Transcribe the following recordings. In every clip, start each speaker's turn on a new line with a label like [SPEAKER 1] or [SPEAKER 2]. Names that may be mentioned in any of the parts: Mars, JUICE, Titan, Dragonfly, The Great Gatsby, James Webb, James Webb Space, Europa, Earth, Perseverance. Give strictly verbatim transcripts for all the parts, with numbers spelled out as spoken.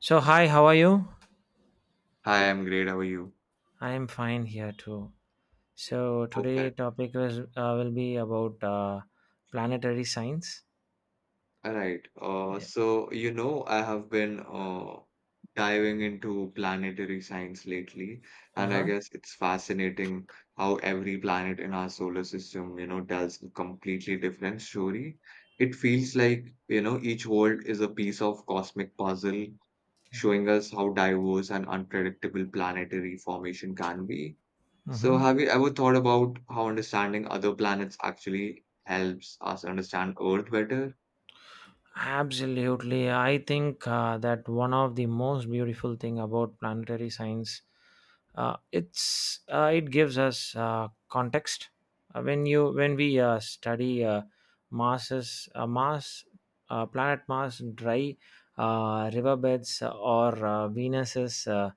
[SPEAKER 1] So hi, how are you?
[SPEAKER 2] Hi, I'm great. How are you?
[SPEAKER 1] I am fine here too. So today
[SPEAKER 2] Perfect.
[SPEAKER 1] topic was, uh, will be about uh, planetary science.
[SPEAKER 2] All right. Uh, so, you know, I have been uh, diving into planetary science lately,
[SPEAKER 1] Uh
[SPEAKER 2] and I
[SPEAKER 1] huh.
[SPEAKER 2] guess it's fascinating how every planet in our solar system, you know, tells a completely different story. It feels like, you know, each world is a piece of cosmic puzzle,
[SPEAKER 1] Hmm.
[SPEAKER 2] showing us how diverse and unpredictable planetary formation can be. So,
[SPEAKER 1] Hmm.
[SPEAKER 2] have you ever thought about how understanding other planets actually helps us understand Earth better?
[SPEAKER 1] Absolutely, I think uh, that one of the most beautiful thing about planetary science, uh, it's, uh, it gives us uh, context. Uh, when you when we uh, study, uh, masses, uh, mass uh, planet Mars dry, uh, riverbeds, or uh, venus's, uh,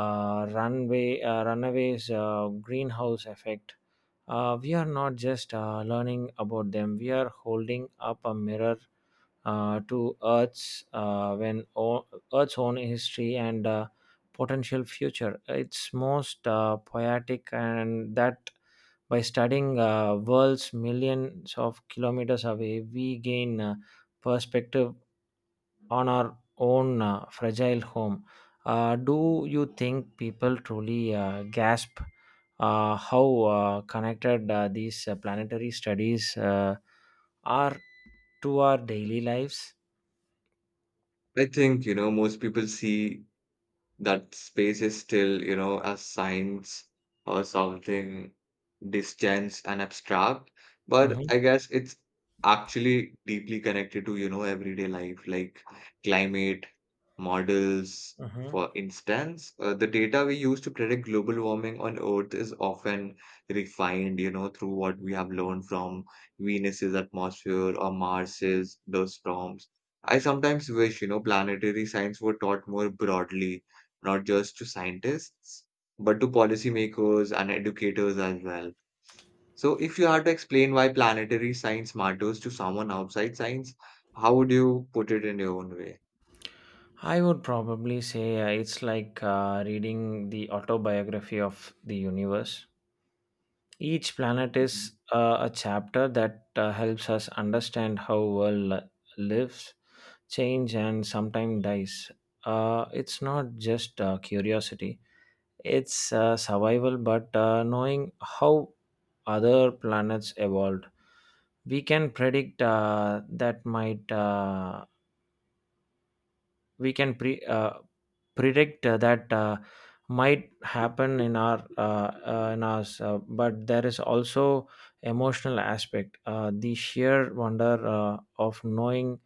[SPEAKER 1] uh, runway uh, runaways, uh, greenhouse effect. Uh, we are not just uh, learning about them, we are holding up a mirror uh, to Earth's uh, when o- Earth's own history, and uh, potential future. It's most uh, poetic, and that by studying uh, worlds millions of kilometers away, we gain uh, perspective on our own uh, fragile home. Uh, do you think people truly uh, gasp uh, how uh, connected uh, these uh, planetary studies uh, are to our daily lives?
[SPEAKER 2] I think, you know, most people see that space is still, you know, a science or something distant and abstract. But
[SPEAKER 1] Hmm.
[SPEAKER 2] I guess it's actually deeply connected to, you know, everyday life, like climate models,
[SPEAKER 1] Hmm.
[SPEAKER 2] for instance. Uh, the data we use to predict global warming on Earth is often refined, you know, through what we have learned from Venus's atmosphere or Mars's the storms. I sometimes wish, you know, planetary science were taught more broadly not just to scientists, but to policymakers and educators as well. So, if you had to explain why planetary science matters to someone outside science, how would you put it in your own way?
[SPEAKER 1] I would probably say uh, it's like uh, reading the autobiography of the universe. Each planet is
[SPEAKER 2] Mhm.
[SPEAKER 1] uh, a chapter that uh, helps us understand how world li- lives, change, and sometimes dies. Uh, it's not just uh, curiosity; it's uh, survival. But uh, knowing how other planets evolved, we can predict uh, that might. Uh, we can pre uh, predict uh, that uh, might happen in our, uh, uh, in us, uh, but there is also emotional aspect, uh, the sheer wonder uh, of knowing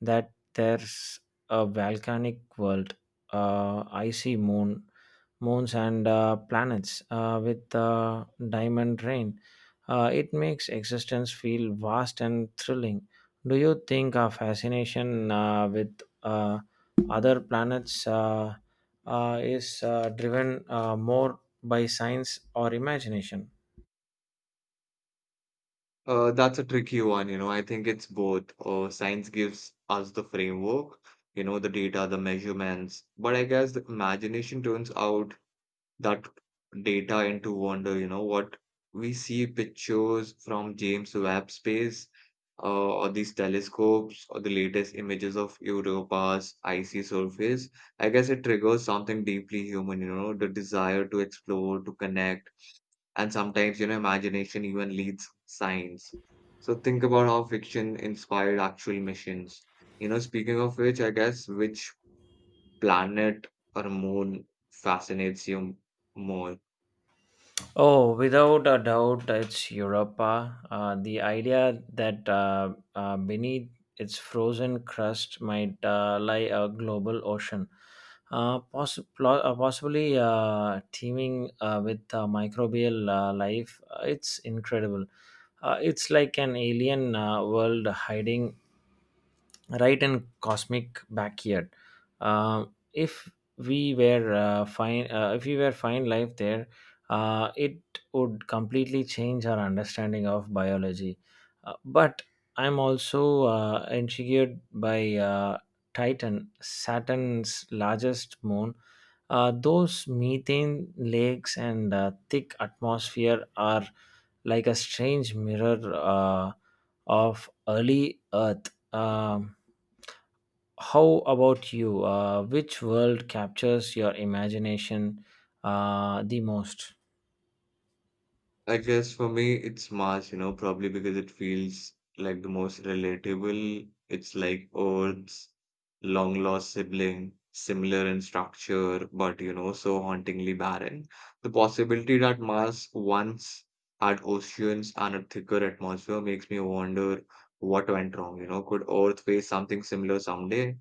[SPEAKER 1] that there's a volcanic world, uh, icy moon moons, and uh, planets uh, with uh, diamond rain. Uh, it makes existence feel vast and thrilling. Do you think our fascination uh, with uh, other planets uh, uh, is uh, driven uh, more by science or imagination?
[SPEAKER 2] Uh, that's a tricky one, you know. I think it's both. Uh, science gives us the framework, you know, the data, the measurements, but I guess the imagination turns out that data into wonder, you know, what we see pictures from James Webb Space uh, or these telescopes or the latest images of Europa's icy surface. I guess it triggers something deeply human, you know, the desire to explore, to connect, and sometimes, you know, imagination even leads science. So think about how fiction inspired actual missions. You know, speaking of which, I guess which planet or moon fascinates you more?
[SPEAKER 1] Oh, without a doubt, it's Europa. Uh, uh, the idea that uh, uh, beneath its frozen crust might uh, lie a global ocean, uh, poss- plo- uh, possibly uh, teeming uh, with uh, microbial uh, life, uh, it's incredible. Uh, it's like an alien uh, world hiding right and cosmic backyard. Uh, if we were uh, fine uh, if we were fine life there, uh, it would completely change our understanding of biology, uh, but I'm also uh, intrigued by uh, titan saturn's largest moon. Uh, those methane lakes and uh, thick atmosphere are like a strange mirror uh, of early earth. Um how about you? Uh, which world captures your imagination uh, the most?
[SPEAKER 2] I guess for me, it's Mars, you know, probably because it feels like the most relatable. It's like Earth's long lost sibling, similar in structure, but, you know, so hauntingly barren. The possibility that Mars once had oceans and a thicker atmosphere makes me wonder what went wrong, you know. Could Earth face something similar someday?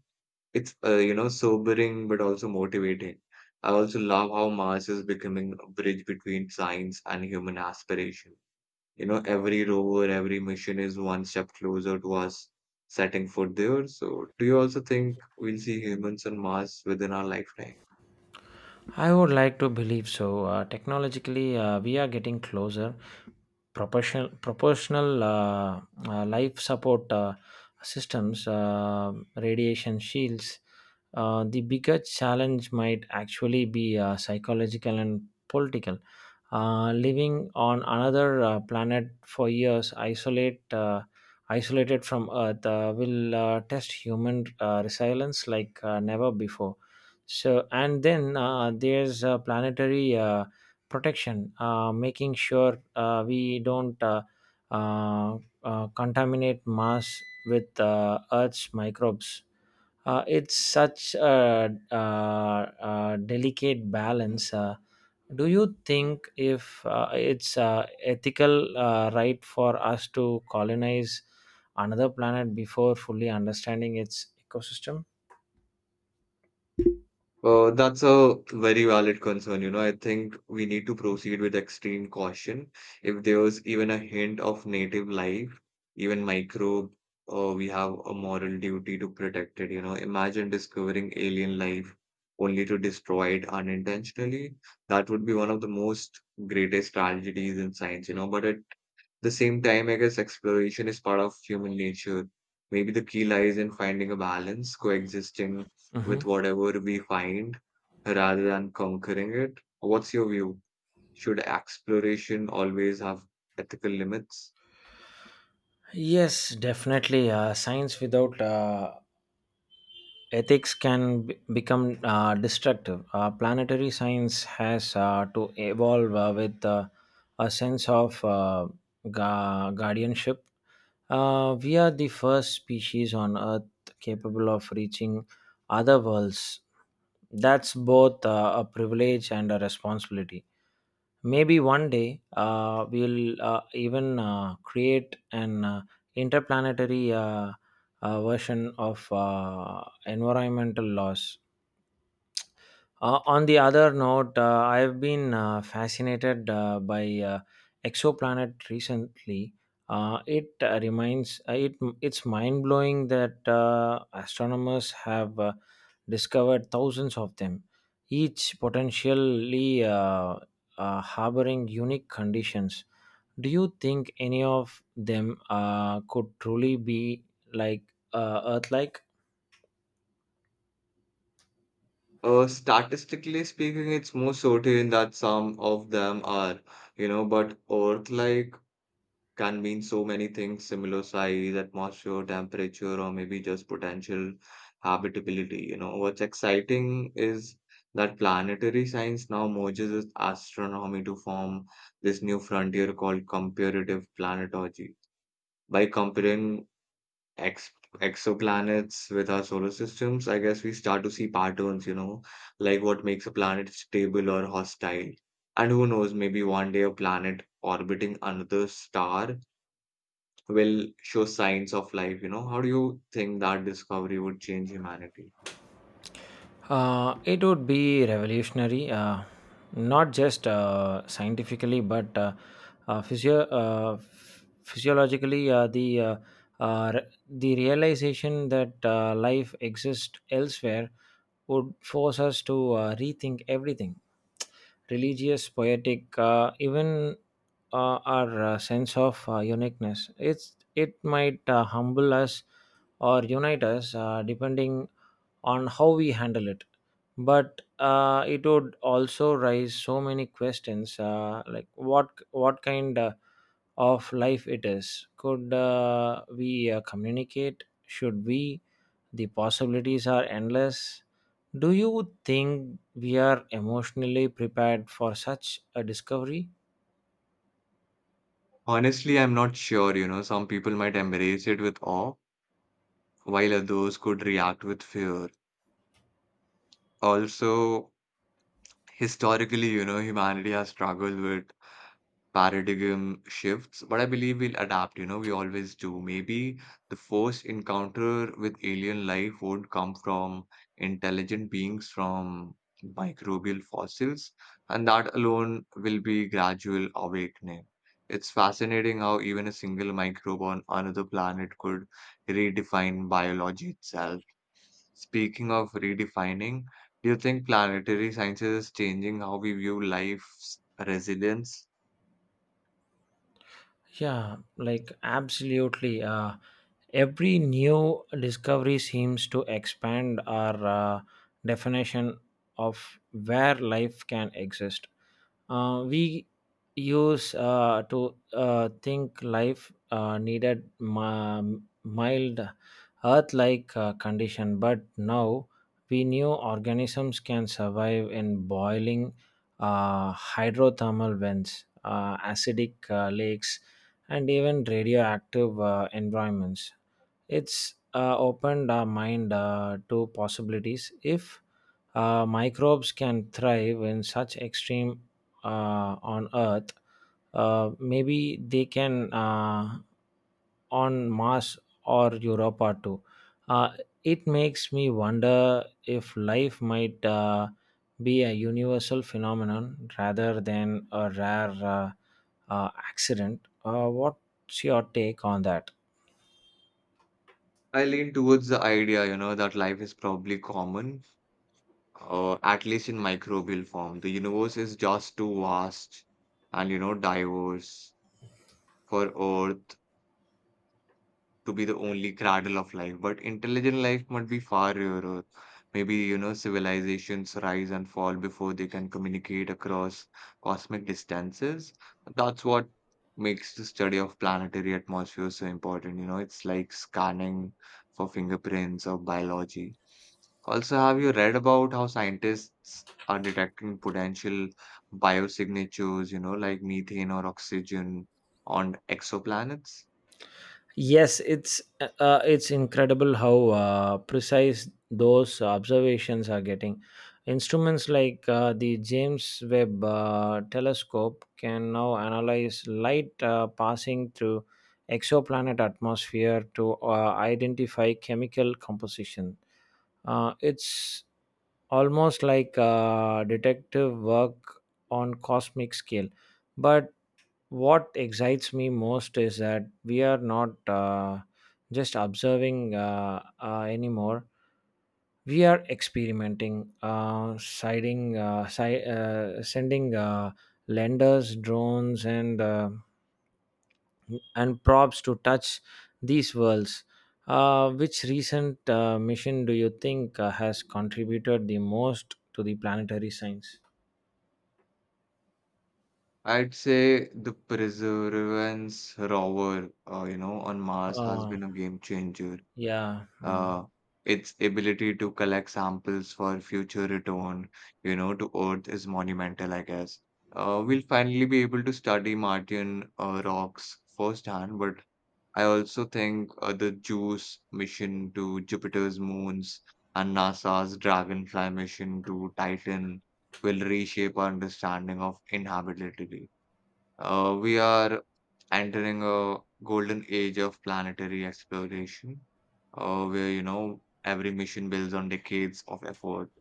[SPEAKER 2] It's uh, you know sobering but also motivating. I also love how Mars is becoming a bridge between science and human aspiration. You know, every rover, every mission is one step closer to us setting foot there. So, do you also think we'll see humans on Mars within our lifetime?
[SPEAKER 1] I would like to believe so. Uh, technologically, uh, we are getting closer. Proportional, proportional uh, uh, life support uh, systems, uh, radiation shields. Uh, the bigger challenge might actually be uh, psychological and political. Uh, living on another uh, planet for years, isolate, uh, isolated from Earth, uh, will uh, test human uh, resilience like uh, never before. So, and then uh, there's uh, planetary uh, protection, uh, making sure uh, we don't uh, uh, uh, contaminate Mars with uh, Earth's microbes. Uh, it's such a uh uh delicate balance. Uh, do you think if uh, it's uh, ethical uh, right for us to colonize another planet before fully understanding its ecosystem?
[SPEAKER 2] Uh, that's a very valid concern. You know, I think we need to proceed with extreme caution. If there was even a hint of native life, even microbe, uh, we have a moral duty to protect it. You know, imagine discovering alien life only to destroy it unintentionally. That would be one of the most greatest tragedies in science, you know, but it the same time, I guess exploration is part of human nature. Maybe the key lies in finding a balance, coexisting with
[SPEAKER 1] Mhm.
[SPEAKER 2] whatever we find rather than conquering it. What's your view? Should exploration always have ethical limits?
[SPEAKER 1] Yes, definitely. Uh, science without uh, ethics can b- become uh, destructive. Uh, planetary science has uh, to evolve uh, with uh, a sense of uh, gua- guardianship. Uh, we are the first species on Earth capable of reaching other worlds. That's both uh, a privilege and a responsibility. Maybe one day uh, we'll uh, even uh, create an uh, interplanetary uh, uh, version of uh, environmental laws. Uh, on the other note, uh, I've been uh, fascinated uh, by uh, exoplanet recently. Uh, it uh, reminds uh, it It's mind blowing that uh, astronomers have uh, discovered thousands of them, each potentially uh, uh, harboring unique conditions. Do you think any of them uh, could truly be like uh, Earth-like?
[SPEAKER 2] Uh, statistically speaking, it's more certain that some of them are, you know, but Earth like can mean so many things similar size, atmosphere, temperature, or maybe just potential habitability. You know, what's exciting is that planetary science now merges with astronomy to form this new frontier called comparative planetology. By comparing ex exoplanets with our solar systems, I guess we start to see patterns, you know, like what makes a planet stable or hostile. And who knows, maybe one day a planet orbiting another star will show signs of life, you know? How do you think that discovery would change humanity?
[SPEAKER 1] Uh, it would be revolutionary, uh, not just uh, scientifically, but uh, uh, physio- uh, ph- physiologically. Uh, the uh, uh, re- the realization that uh, life exists elsewhere would force us to uh, rethink everything, religious, poetic, uh, even uh, our uh, sense of uh, uniqueness. It's it might uh, humble us or unite us, uh, depending on how we handle it, but uh, it would also raise so many questions, uh, like what what kind uh, of life it is, could uh, we uh, communicate, should we? The possibilities are endless. Do you think we are emotionally prepared for such a discovery?
[SPEAKER 2] Honestly, I'm not sure, you know. Some people might embrace it with awe, while others could react with fear. Also, historically, you know, humanity has struggled with paradigm shifts, but I believe we'll adapt, you know, we always do. Maybe the first encounter with alien life would come from intelligent beings from microbial fossils, and that alone will be gradual awakening. It's fascinating how even a single microbe on another planet could redefine biology itself. Speaking of redefining, do you think planetary sciences is changing how we view life's resilience?
[SPEAKER 1] Yeah, like absolutely. Uh, every new discovery seems to expand our uh, definition of where life can exist. Uh, we use uh, to uh, think life uh, needed ma- mild earth-like uh, condition, but now we knew organisms can survive in boiling uh, hydrothermal vents, uh, acidic uh, lakes, and even radioactive uh, environments. It's uh, opened our mind uh, to possibilities. If uh, microbes can thrive in such extreme uh, on Earth, Uh, maybe they can uh, on Mars or Europa too. Uh, it makes me wonder if life might uh, be a universal phenomenon rather than a rare uh, uh, accident. Uh, what's your take on that?
[SPEAKER 2] I lean towards the idea, you know, that life is probably common, uh, at least in microbial form. The universe is just too vast and, you know, diverse for Earth to be the only cradle of life, but intelligent life might be far rarer. Maybe, you know, civilizations rise and fall before they can communicate across cosmic distances. That's what makes the study of planetary atmosphere so important. You know, it's like scanning for fingerprints of biology. Also, have you read about how scientists are detecting potential biosignatures, you know, like methane or oxygen on exoplanets?
[SPEAKER 1] Yes, it's uh, it's incredible how uh, precise those observations are getting. Instruments like uh, the James Webb uh, Telescope can now analyze light uh, passing through exoplanet atmosphere to uh, identify chemical composition. Uh, it's almost like uh, detective work on cosmic scale, but what excites me most is that we are not uh, just observing uh, uh, anymore. We are experimenting, uh, siding uh, si- uh, sending uh, lenders, drones, and uh, and props to touch these worlds. Uh, which recent uh, mission do you think uh, has contributed the most to the planetary science?
[SPEAKER 2] I'd say the Perseverance rover, uh, you know, on Mars has
[SPEAKER 1] uh,
[SPEAKER 2] been a game changer.
[SPEAKER 1] yeah. Mm.
[SPEAKER 2] Uh, its ability to collect samples for future return, you know, to Earth is monumental, I guess. Uh, we'll finally be able to study Martian uh, rocks firsthand, but I also think uh, the JUICE mission to Jupiter's moons and NASA's Dragonfly mission to Titan will reshape our understanding of inhabitability. Uh, we are entering a golden age of planetary exploration, uh, where, you know, every mission builds on decades of effort.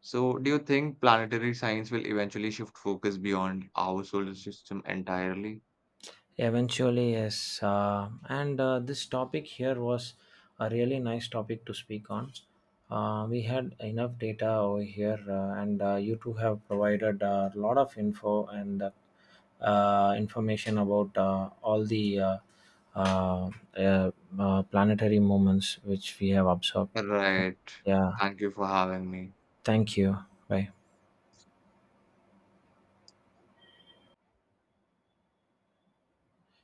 [SPEAKER 2] So, do you think planetary science will eventually shift focus beyond our solar system entirely?
[SPEAKER 1] Eventually, yes. Uh, and uh, this topic here was a really nice topic to speak on. Uh, we had enough data over here, uh, and uh, you two have provided a lot of info and uh, uh, information about uh, all the uh, uh, uh, uh, planetary movements which we have observed. So,
[SPEAKER 2] Right.
[SPEAKER 1] yeah,
[SPEAKER 2] Thank you for having me.
[SPEAKER 1] thank you. Bye.